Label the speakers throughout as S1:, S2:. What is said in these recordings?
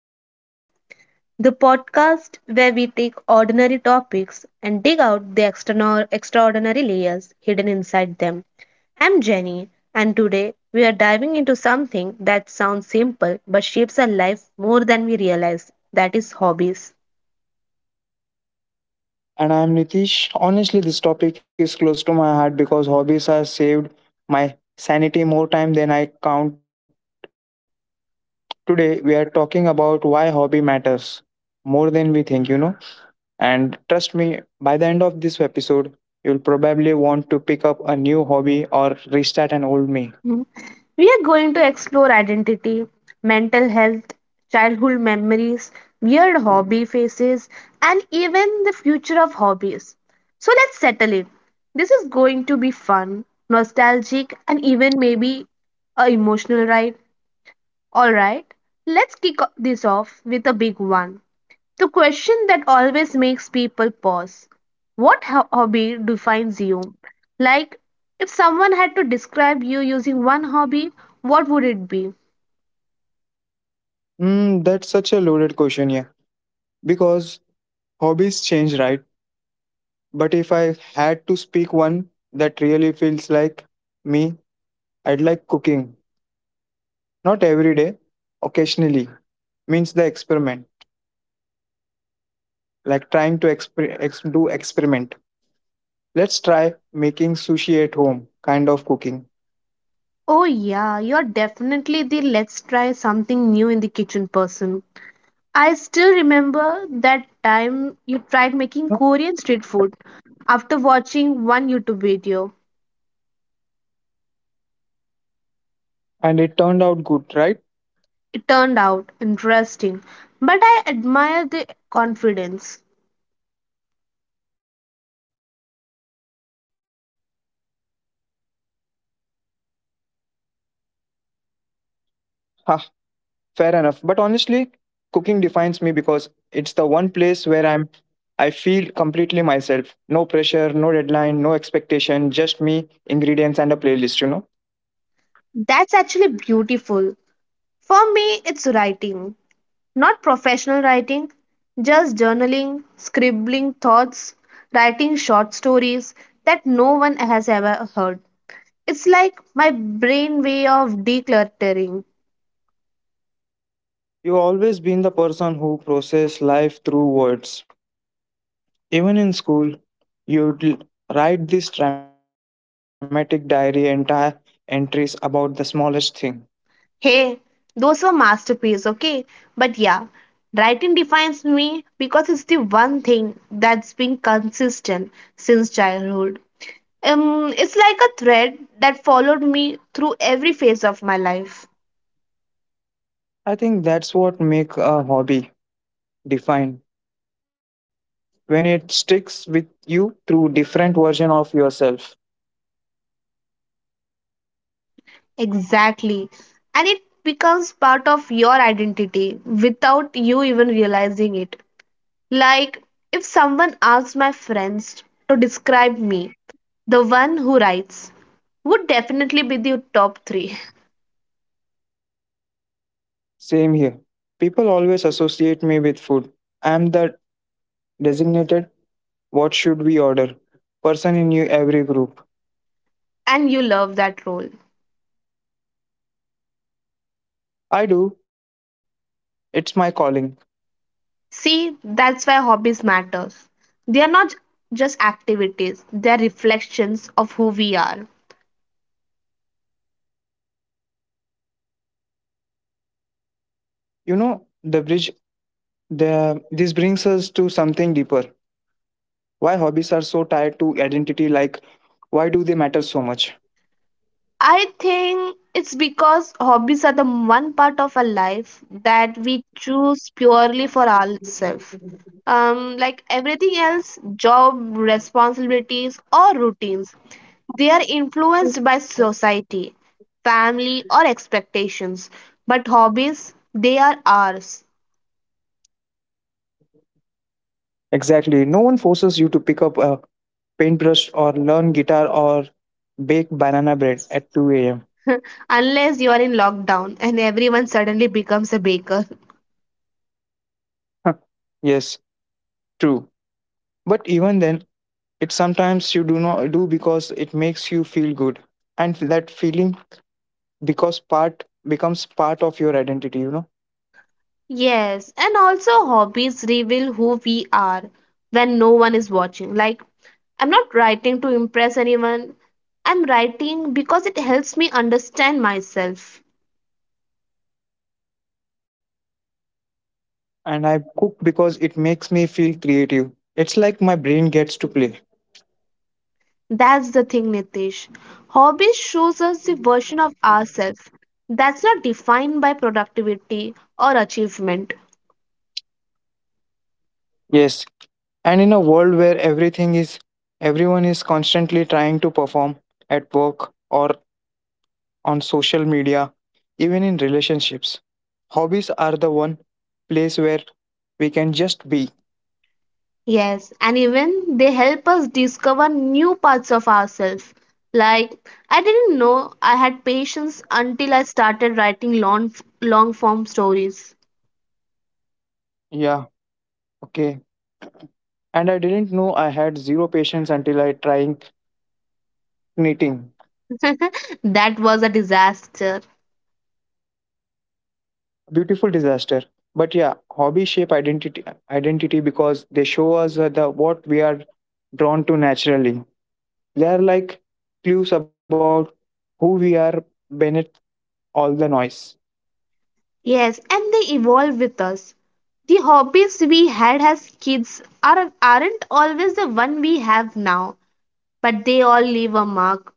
S1: Explorer, the podcast where we take ordinary topics and dig out the extraordinary layers hidden inside them. I'm Jenny, and today we are diving into something that sounds simple but shapes our life more than we realize that is, hobbies.
S2: And I'm Nitish. Honestly, this topic is close to my heart because hobbies have saved my sanity more time than I count. Today, we are talking about why hobby matters more than we think, And trust me, by the end of this episode, you'll probably want to pick up a new hobby or restart an old me.
S1: Mhm. We are going to explore identity, mental health, childhood memories, weird hobby phases, and even the future of hobbies. So let's settle in. This is going to be fun, nostalgic, and even maybe a emotional ride. All right, let's this off with a big one. The question that always makes people pause. What hobby defines you? Like, if someone had to describe you using one hobby, what would it be?
S2: That's such a loaded question, yeah. Because hobbies change, right? But if I had to speak one that really feels like me, I'd like cooking. Not every day, occasionally means the experiment, like trying to do experiment. Let's try making sushi at home, kind of cooking.
S1: Oh, yeah, you're definitely the let's try something new in the kitchen person. I still remember that time you tried making Korean street food after watching one YouTube video.
S2: And it turned out good, right?
S1: It turned out interesting, but I admire the confidence.
S2: Ha, fair enough. But honestly, cooking defines me because it's the one place where I'm I feel completely myself. No pressure, no deadline, no expectation, just me, ingredients and a playlist, you know.
S1: That's actually beautiful. For me, it's writing. Not professional writing, just journaling, scribbling thoughts, writing short stories that no one has ever heard. It's like my brain way of decluttering.
S2: You've always been the person who process life through words. Even in school, you'd l- write this dramatic diary entire entries about the smallest thing.
S1: Hey, those were masterpieces, okay? But yeah, writing defines me because it's the one thing that's been consistent since childhood. It's like a thread that followed me through every phase of my life.
S2: I think that's what make a hobby defined when it sticks with you through different version of yourself.
S1: Exactly. And it becomes part of your identity without you even realizing it. Like, if someone asks my friends to describe me, the one who writes would definitely be the top three.
S2: Same here. People always associate me with food. I'm the designated what should we order person in you every group.
S1: And you love that role.
S2: I do. It's my calling.
S1: See, that's why hobbies matter. They are not just activities, they are reflections of who we are.
S2: You know, the bridge the this brings us to something deeper. Why hobbies are so tied to identity? Like, why do they matter so much?
S1: I think it's because hobbies are the one part of our life that we choose purely for ourselves. Like everything else, job, responsibilities, or routines, they are influenced by society, family, or expectations. But hobbies, they are ours.
S2: Exactly. No one forces you to pick up a paintbrush or learn guitar or bake banana bread at 2 a.m.
S1: Unless you are in lockdown and everyone suddenly becomes a baker.
S2: Huh. Yes, true. But even then, it sometimes you do not do because it makes you feel good. And that feeling because part becomes part of your identity.
S1: Yes, and also hobbies reveal who we are when no one is watching. Like, I'm not writing to impress anyone, I'm writing because it helps me understand myself.
S2: And I cook because it makes me feel creative. It's like my brain gets to play.
S1: That's the thing, Nitish. Hobbies shows us the version of ourselves that's not defined by productivity or achievement.
S2: Yes. And in a world where everything is everyone is constantly trying to perform at work or on social media, even in relationships, hobbies are the one place where we can just be.
S1: Yes, and even they help us discover new parts of ourselves. Like, I didn't know I had patience until I started writing long form stories.
S2: Yeah, okay. And I didn't know I had zero patience until I trying knitting.
S1: That was a disaster.
S2: Beautiful disaster. But yeah, hobby shape identity because they show us the what we are drawn to naturally. They are like clues about who we are beneath all the noise.
S1: Yes, and they evolve with us. The hobbies we had as kids are, aren't always the one we have now, but they all leave a mark.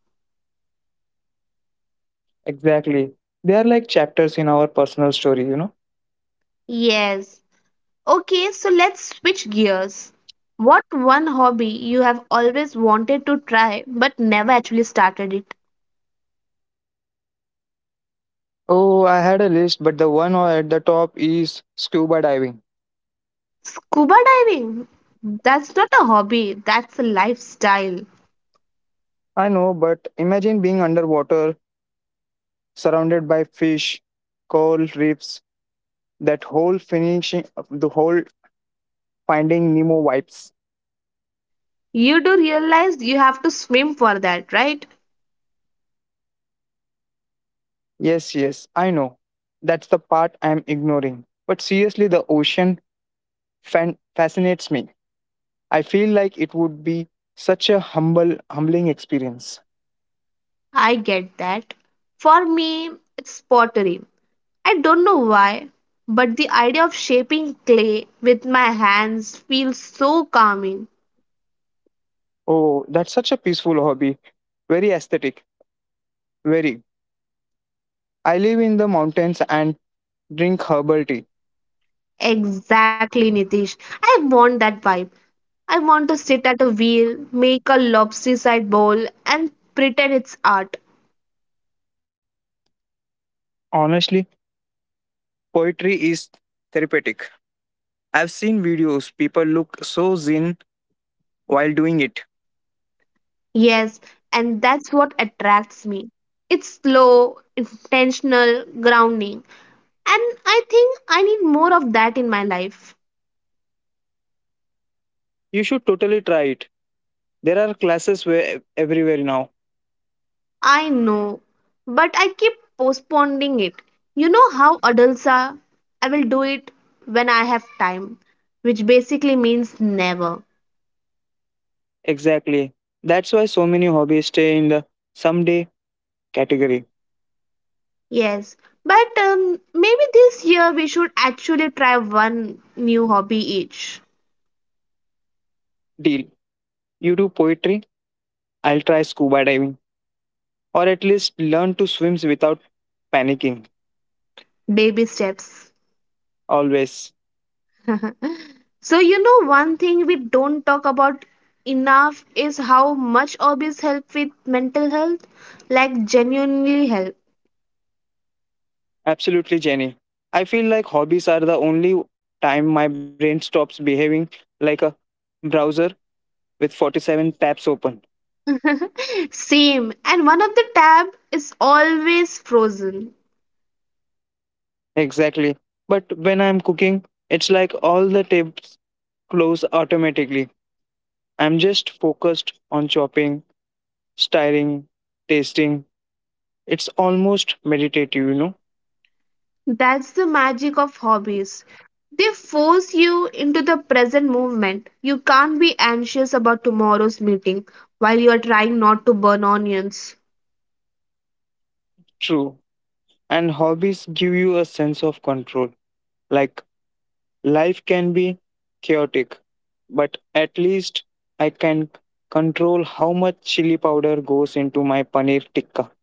S2: Exactly. They are like chapters in our personal story.
S1: Yes. Okay, so let's switch gears. What one hobby you have always wanted to try but never actually started it?
S2: Oh, I had a list, but the one at the top is scuba diving.
S1: Scuba diving. That's not a hobby, that's a lifestyle.
S2: I know, but imagine being underwater, surrounded by fish, coral reefs, that whole finishing, the whole finding Nemo vibes.
S1: You do realize you have to swim for that, right?
S2: Yes, yes, I know. That's the part I'm ignoring. But seriously, the ocean fascinates me. I feel like it would be such a humble, humbling experience.
S1: I get that. For me, it's pottery. I don't know why, but the idea of shaping clay with my hands feels so calming.
S2: Oh, that's such a peaceful hobby. Very aesthetic. Very. I live in the mountains and drink herbal tea.
S1: Exactly, Nitish. I want that vibe. I want to sit at a wheel, make a lopsided bowl, and pretend it's art.
S2: Honestly, poetry is therapeutic. I've seen videos, people look so zen while doing it.
S1: Yes, and that's what attracts me. It's slow, intentional, grounding. And I think I need more of that in my life.
S2: You should totally try it. There are classes everywhere now.
S1: I know, but I keep postponing it. You know how adults are? I will do it when I have time, which basically means never.
S2: Exactly. That's why so many hobbies stay in the someday category.
S1: Yes, but maybe this year we should actually try one new hobby each.
S2: Deal. You do poetry, I'll try scuba diving. Or at least learn to swim without panicking.
S1: Baby steps.
S2: Always.
S1: So, you know, one thing we don't talk about enough is how much hobbies help with mental health, like genuinely help.
S2: Absolutely, Jenny. I feel like hobbies are the only time my brain stops behaving like a browser with 47 tabs open.
S1: Same. And one of the tab is always frozen.
S2: Exactly. But when I'm cooking, it's like all the tabs close automatically. I'm just focused on chopping, stirring, tasting. It's almost meditative, you know?
S1: That's the magic of hobbies. They force you into the present movement. You can't be anxious about tomorrow's meeting while you are trying not to burn onions.
S2: True. And hobbies give you a sense of control. Like life can be chaotic, but at least I can control how much chili powder goes into my paneer tikka.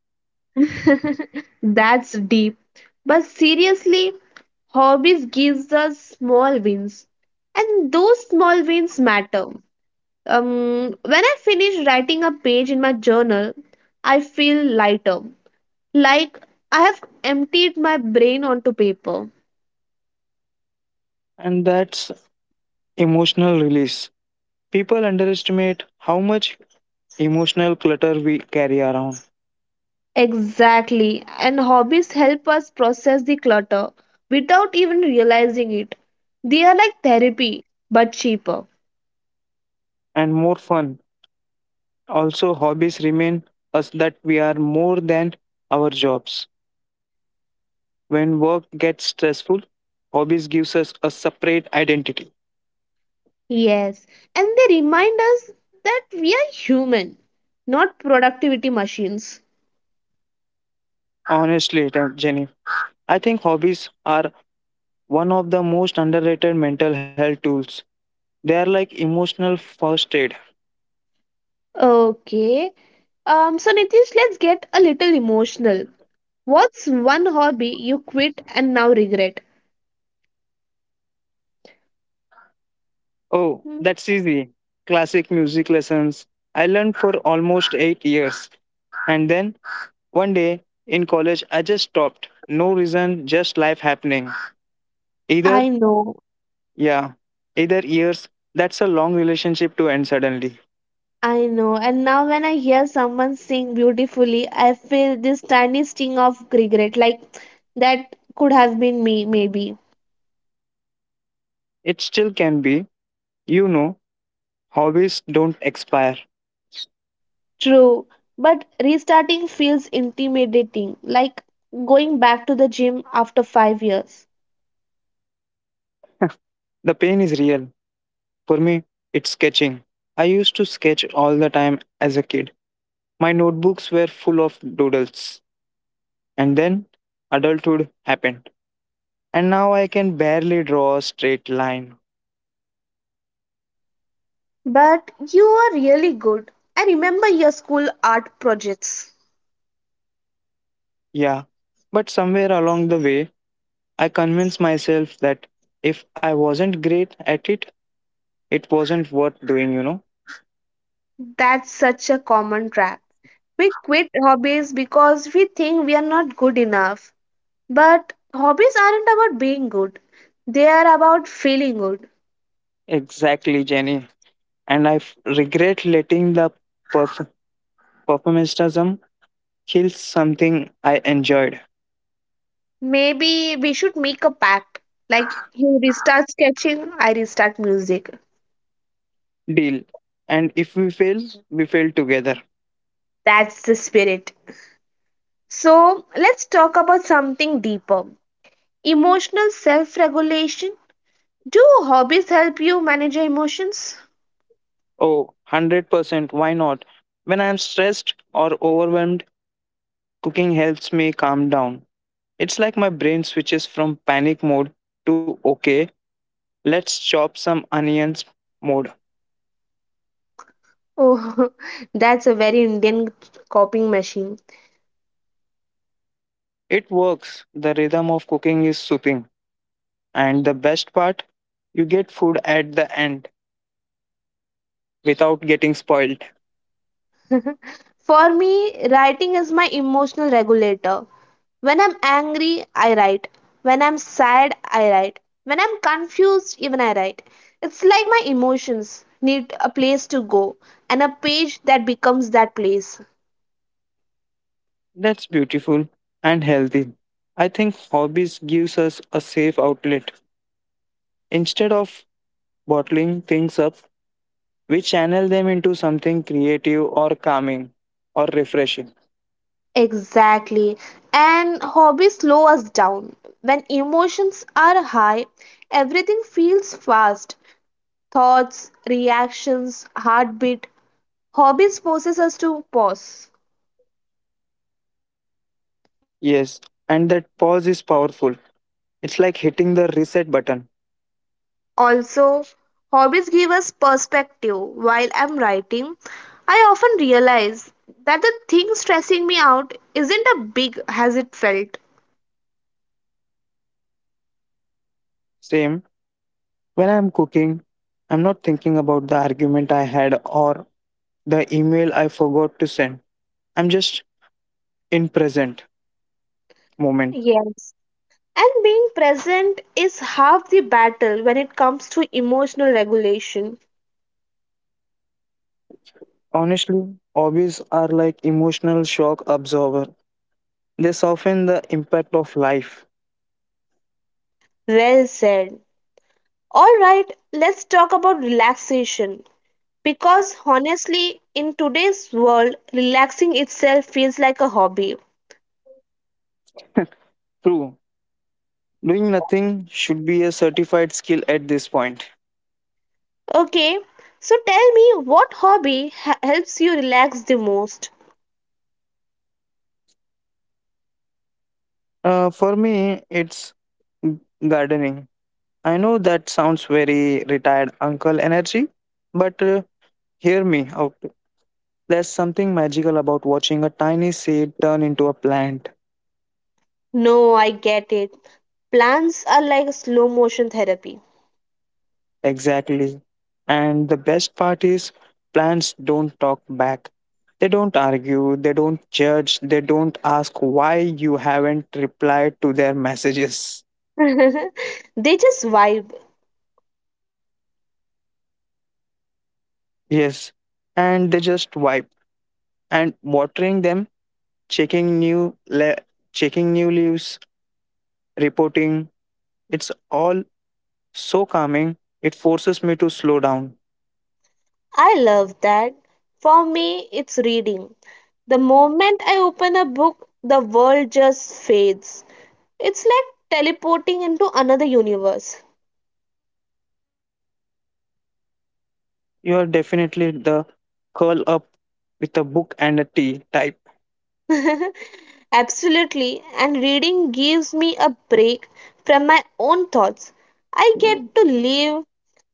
S1: That's deep. But seriously, hobbies gives us small wins. And those small wins matter. When I finish writing a page in my journal, I feel lighter. Like I have emptied my brain onto paper.
S2: And that's emotional release. People underestimate how much emotional clutter we carry around.
S1: Exactly. And hobbies help us process the clutter without even realizing it. They are like therapy, but cheaper.
S2: And more fun. Also, hobbies remind us that we are more than our jobs. When work gets stressful, hobbies gives us a separate identity.
S1: Yes. And they remind us that we are human, not productivity machines.
S2: Honestly, Jenny, I think hobbies are one of the most underrated mental health tools. They are like emotional first aid.
S1: Okay. So, Nitish, let's get a little emotional. What's one hobby you quit and now regret?
S2: Oh,
S1: Hmm,
S2: that's easy. Classic music lessons. I learned for almost 8 years. And then one day in college, I just stopped. No reason, just life happening. Either,
S1: I know.
S2: yeah, either years, that's a long relationship to end suddenly.
S1: I know, and now when I hear someone sing beautifully, I feel this tiny sting of regret, like that could have been me, maybe.
S2: It still can be, you know, hobbies don't expire.
S1: True, but restarting feels intimidating, like going back to the gym after 5 years.
S2: The pain is real. For me, it's sketching. I used to sketch all the time as a kid. My notebooks were full of doodles. And then adulthood happened. And now I can barely draw a straight line.
S1: But you were really good. I remember your school art projects.
S2: Yeah. But somewhere along the way, I convinced myself that if I wasn't great at it, it wasn't worth doing, you know?
S1: That's such a common trap. We quit hobbies because we think we are not good enough. But hobbies aren't about being good, they are about feeling good.
S2: Exactly, Jenny. And regret letting the perf- performatism kill something I enjoyed.
S1: Maybe we should make a pact. Like you restart sketching, I restart music.
S2: Deal. And if we fail, we fail together.
S1: That's the spirit. So let's talk about something deeper emotional self regulation. Do hobbies help you manage your emotions?
S2: Oh, 100%. Why not? When I am stressed or overwhelmed, cooking helps me calm down. It's like my brain switches from panic mode to okay, let's chop some onions mode.
S1: Oh, that's a very Indian coping machine.
S2: It works. The rhythm of cooking is soothing. And the best part, you get food at the end without getting spoiled.
S1: For me, writing is my emotional regulator. When I'm angry, I write. When I'm sad, I write. When I'm confused, even I write. It's like my emotions need a place to go and a page that becomes that place.
S2: That's beautiful and healthy. I think hobbies gives us a safe outlet instead of bottling things up, we channel them into something creative or calming or refreshing.
S1: Exactly. And hobbies slow us down. When emotions are high, everything feels fast. Thoughts, reactions, heartbeat. Hobbies forces us to pause.
S2: Yes, and that pause is powerful. It's like hitting the reset button.
S1: Also, hobbies give us perspective. While I'm writing, I often realize that the thing stressing me out isn't as big as it felt.
S2: Same, when I'm cooking, I'm not thinking about the argument I had or the email I forgot to send. I'm just in present moment.
S1: Yes. And being present is half the battle when it comes to emotional regulation.
S2: Honestly, hobbies are like emotional shock absorber. They soften the impact of life.
S1: Well said. All right, let's talk about relaxation. Because honestly, in today's world, relaxing itself feels like a hobby.
S2: True. Doing nothing should be a certified skill at this point.
S1: Okay, so tell me what hobby helps you relax the most?
S2: For me, it's g- gardening. I know that sounds very retired uncle energy, but hear me out. There's something magical about watching a tiny seed turn into a plant.
S1: No, I get it. Plants are like slow motion therapy.
S2: Exactly. And the best part is, plants don't talk back. They don't argue, they don't judge, they don't ask why you haven't replied to their messages.
S1: They just vibe.
S2: Yes. And they just vibe and watering them, checking new le- checking new leaves, reporting. It's all so calming. It forces me to slow down.
S1: I love that. For me, it's reading. The moment I open a book, the world just fades. It's like teleporting into another universe.
S2: You are definitely the curl up with a book and a tea type.
S1: Absolutely, and reading gives me a break from my own thoughts. I get to live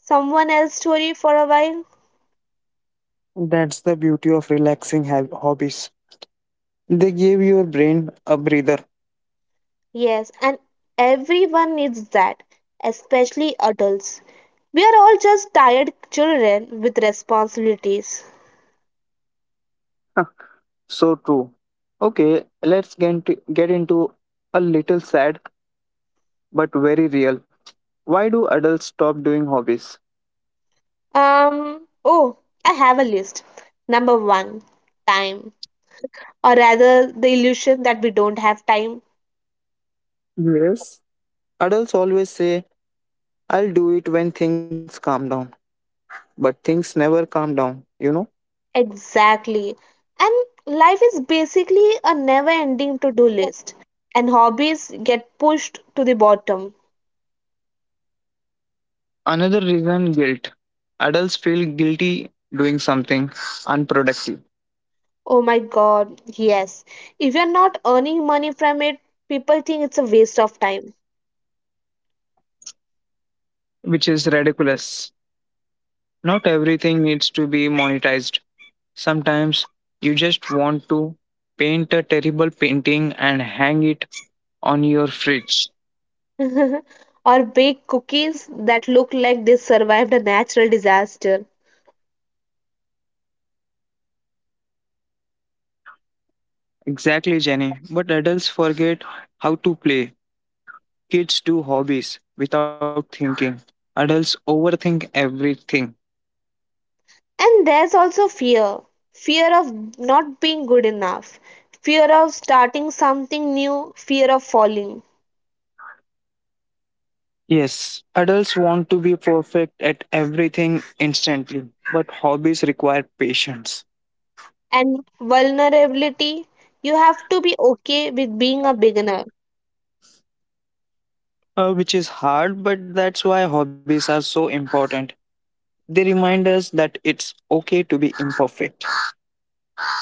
S1: someone else's story for a while.
S2: That's the beauty of relaxing hobbies. They give your brain a breather.
S1: Yes, and everyone needs that, especially adults. We are all just tired children with responsibilities.
S2: Huh, so true. Okay, let's get into a little sad but very real. Why do adults stop doing hobbies?
S1: Oh, I have a list. Number one, time, or rather, the illusion that we don't have time.
S2: Yes. Adults always say, I'll do it when things calm down, but things never calm down, you know?
S1: Exactly. And life is basically a never ending to do list, and hobbies get pushed to the bottom.
S2: Another reason guilt. Adults feel guilty doing something unproductive,
S1: Oh my god, yes. If you're not earning money from it, people think it's a waste of time.
S2: which is ridiculous. Not everything needs to be monetized. Sometimes you just want to paint a terrible painting and hang it on your fridge.
S1: Or bake cookies that look like they survived a natural disaster.
S2: Exactly, Jenny. But adults forget how to play. Kids do hobbies without thinking. Adults overthink everything.
S1: And there's also fear fear of not being good enough, fear of starting something new, fear of falling,
S2: Yes, adults want to be perfect at everything instantly, but hobbies require patience,
S1: and vulnerability. You have to be okay with being a beginner.
S2: which is hard, but that's why hobbies are so important. They remind us that it's okay to be imperfect.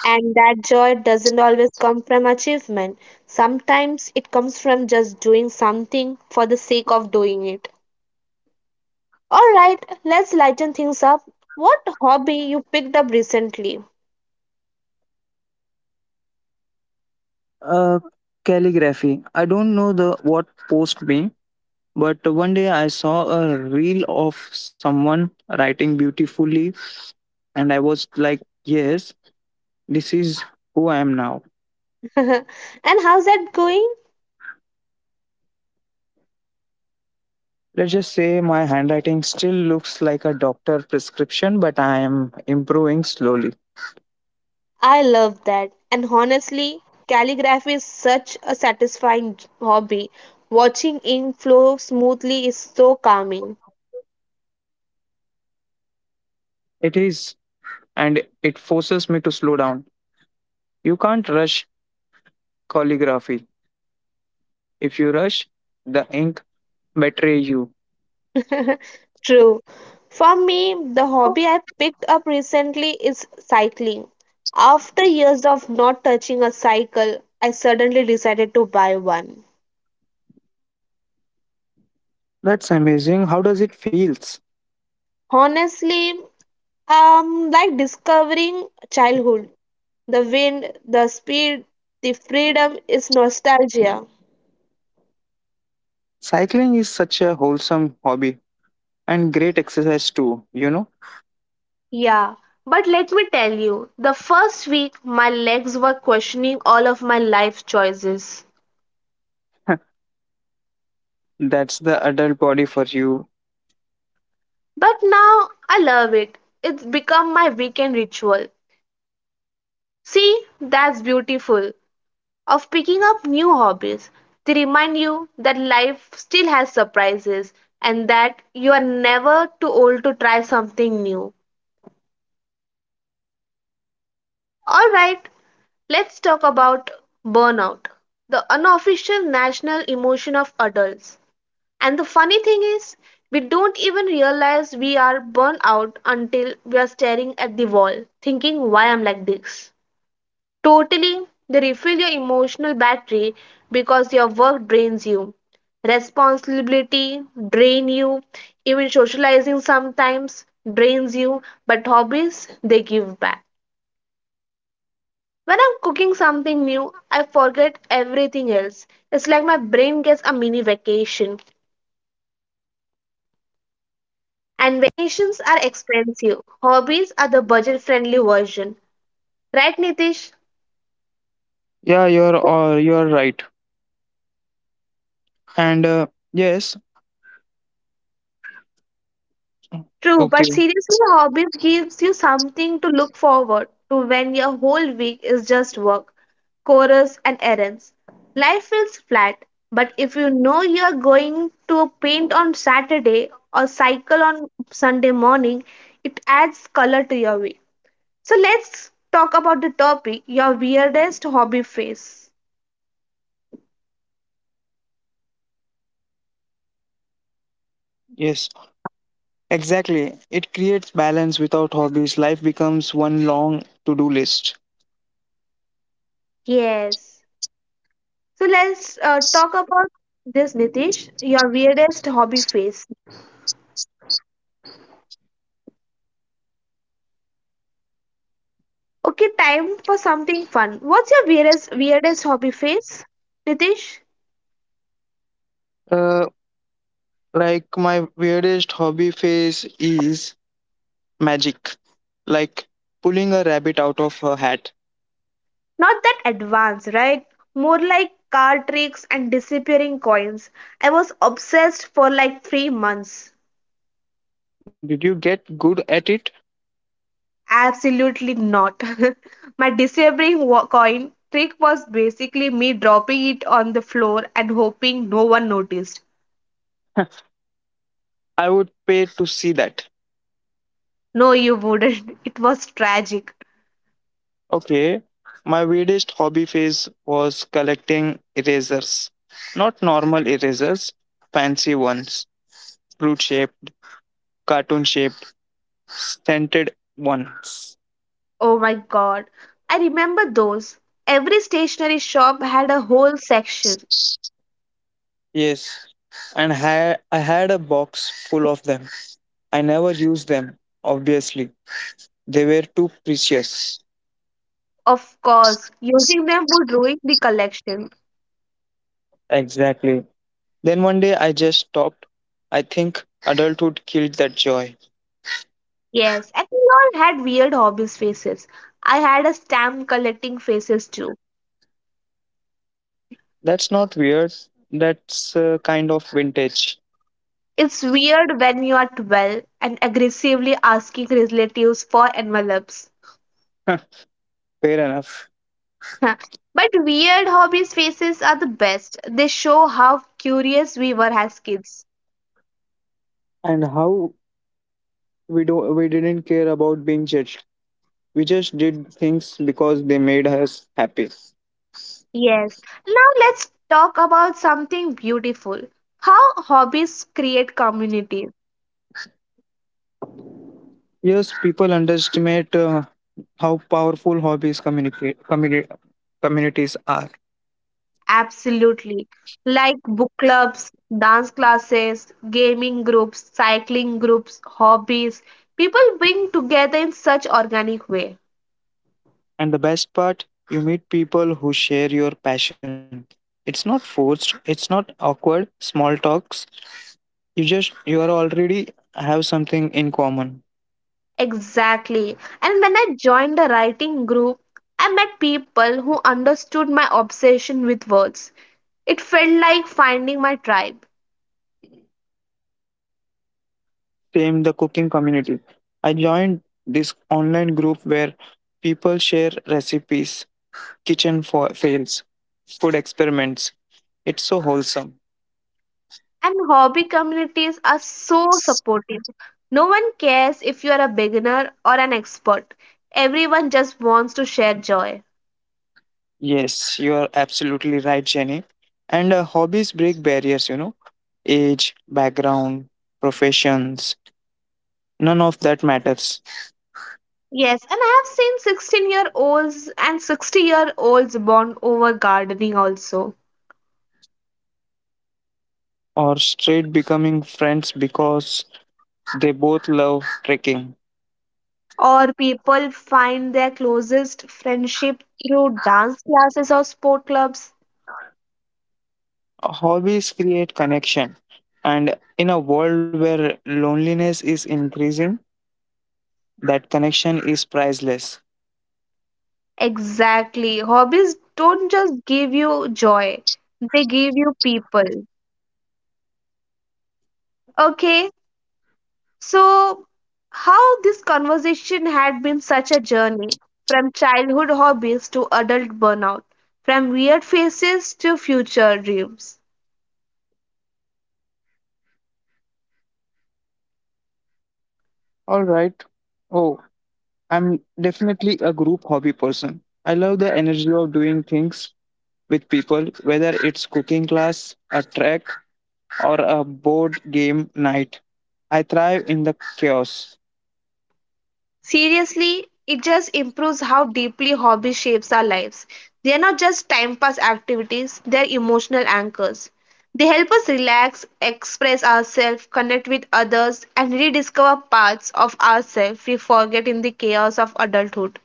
S1: And that joy doesn't always come from achievement. Sometimes it comes from just doing something for the sake of doing it. All right, let's lighten things up. What hobby you picked up recently?
S2: Uh, calligraphy. I don't know the what post mean, but one day I saw a reel of someone writing beautifully, and I was like, yes. This is who I am now.
S1: And how's that going?
S2: Let's just say my handwriting still looks like a doctor prescription, but I am improving slowly.
S1: I love that. And honestly, calligraphy is such a satisfying hobby. Watching ink flow smoothly is so calming.
S2: It is, and it forces me to slow down. You can't rush calligraphy. If you rush, the ink betray you.
S1: True. For me, the
S2: Oh.
S1: hobby I picked up recently is cycling. After years of not touching a cycle, I suddenly decided to buy one.
S2: That's amazing. How does it feels?
S1: Honestly, like discovering childhood. The wind, the speed, the freedom is nostalgia.
S2: Cycling is such a wholesome hobby and great exercise too, you know?
S1: Yeah, but let me tell you, the first week my legs were questioning all of my life choices.
S2: that's the adult body for you.
S1: But now I love it. It's become my weekend ritual. See,
S2: See,
S1: that's
S2: that's the
S1: beautiful.
S2: beauty of picking
S1: Of
S2: up
S1: picking
S2: new
S1: up new
S2: hobbies.
S1: hobbies,
S2: They
S1: they
S2: remind
S1: remind
S2: you
S1: you
S2: that
S1: that
S2: life still
S1: life
S2: has
S1: still has
S2: surprises.
S1: surprises and that you are never too old to try something new. Alright, let's talk about burnout, the unofficial national emotion of adults. And the funny thing is, we don't even realize we are burnt out until we are staring at the wall, thinking why I'm like this. Totally, they refill your emotional battery because your work drains you. Responsibility drain you, even socializing sometimes drains you, but hobbies they give back. When I'm cooking something new, I forget everything else. It's like my brain gets a mini vacation. And vacations are expensive. Hobbies are the budget-friendly version. Right, Nitish?
S2: You're right. And yes,
S1: True, but
S2: okay,
S1: seriously, hobbies gives you something to look forward to when your whole week is just work, chorus, and errands. Life feels flat, but if you know you're going to paint on Saturday or cycle on Sunday morning, it adds color to your week. So let's talk about the topic, your weirdest hobby phase.
S2: yes, exactly. It creates balance without hobbies. Life becomes one long to-do list.
S1: Yes. So let's talk about this, Nitish, your weirdest hobby phase. Okay, time for something fun. What's your weirdest hobby phase, Nitish?
S2: Uh, like my weirdest hobby phase is magic, like pulling a rabbit out of a hat.
S1: Not that advanced, right? More like card tricks and disappearing coins. I was obsessed for like 3 months.
S2: Did you get good at it?
S1: Absolutely not. My disappearing coin trick was basically me dropping it on the floor and hoping no one noticed.
S2: I would pay to see that.
S1: No, you wouldn't. It was tragic.
S2: Okay, my weirdest hobby phase was collecting erasers, not normal erasers, fancy ones fruit shaped, cartoon shaped, scented ones.
S1: Oh my god, I remember those. Every stationery shop had a whole section.
S2: Yes, and I had a box full of them. I never used them, obviously. They were too precious.
S1: Of course, using them would ruin the collection.
S2: Exactly. Then one day I just stopped. I think adulthood killed that joy.
S1: Yes, and we all had weird hobbies faces. I had a stamp collecting faces too.
S2: That's not weird. That's kind of vintage.
S1: It's weird when you are 12 and aggressively asking relatives for envelopes.
S2: Huh, fair enough.
S1: But weird hobbies faces are the best. They show how curious we were as kids.
S2: And how we do we didn't care about being judged. We just did things because they made us happy.
S1: Yes. Now let's talk about something beautiful. How hobbies create communities.
S2: Yes, people underestimate how powerful communities are.
S1: Absolutely. Like book clubs, dance classes, gaming groups, cycling groups, hobbies. People bring together in such organic way.
S2: And the best part, you meet people who share your passion. It's not forced, it's not awkward, small talks. You are already have something in common.
S1: Exactly. And when I joined the writing group, I met people who understood my obsession with words. It felt like finding my tribe.
S2: Same the cooking community. I joined this online group where people share recipes, kitchen for fails, food experiments. It's so wholesome.
S1: And hobby communities are so supportive. No one cares if you are a beginner or an expert. Everyone just wants to share joy.
S2: Yes, you are absolutely right, Jenny. And hobbies break barriers, you know, age, background, professions, none of that matters.
S1: Yes, and I have seen 16-year-olds and 60-year-olds bond over gardening also.
S2: Or straight becoming friends because they both love trekking.
S1: Or people find their closest friendship through dance classes or sport clubs.
S2: Hobbies create connection. And in a world where loneliness is increasing, that connection is priceless.
S1: Exactly. Hobbies don't just give you joy, they give you people. Okay. So, how this conversation had been such a journey from childhood hobbies to adult burnout, from weird faces to future dreams.
S2: All right. Oh, I'm definitely a group hobby person. I love the energy of doing things with people, whether it's cooking class, a trek, or a board game night. I thrive in the chaos.
S1: Seriously, it just improves how deeply hobby shapes our lives. They are not just time pass activities, they are emotional anchors. They help us relax, express ourselves, connect with others, and rediscover parts of ourselves we forget in the chaos of adulthood.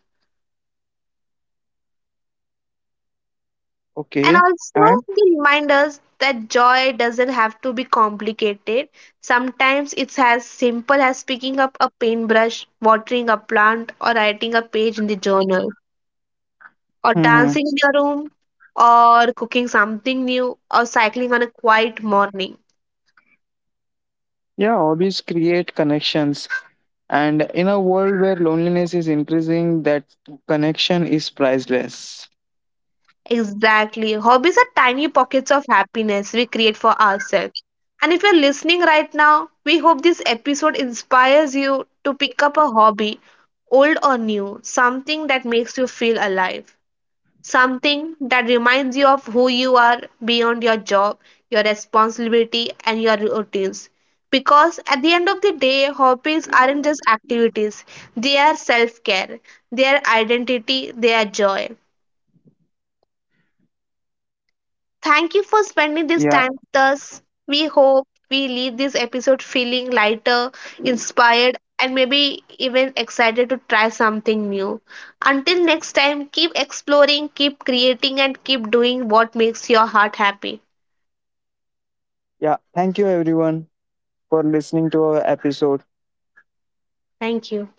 S2: Okay.
S1: And also,
S2: And
S1: they remind us that joy doesn't have to be complicated. Sometimes it's as simple as picking up a paintbrush, watering a plant, or writing a page in the journal, or
S2: mhm.
S1: dancing in your room, or cooking something new, or cycling on a quiet morning.
S2: Yeah, hobbies create connections. And in a world where loneliness is increasing, that connection is priceless.
S1: Exactly. Hobbies are tiny pockets of happiness we create for ourselves. And if you're listening right now, we hope this episode inspires you to pick up a hobby, old or new, something that makes you feel alive, something that reminds you of who you are beyond your job, your responsibility, and your routines. Because at the end of the day, hobbies aren't just activities, they are self care, they are identity, they are joy. Thank you for spending
S2: Yeah.
S1: this time with us. We hope we leave this episode feeling lighter, inspired, and maybe even excited to try something new. Until next time, keep exploring, keep creating, and keep doing what makes your heart happy.
S2: Yeah. Thank you, everyone, for listening to our episode.
S1: Thank you.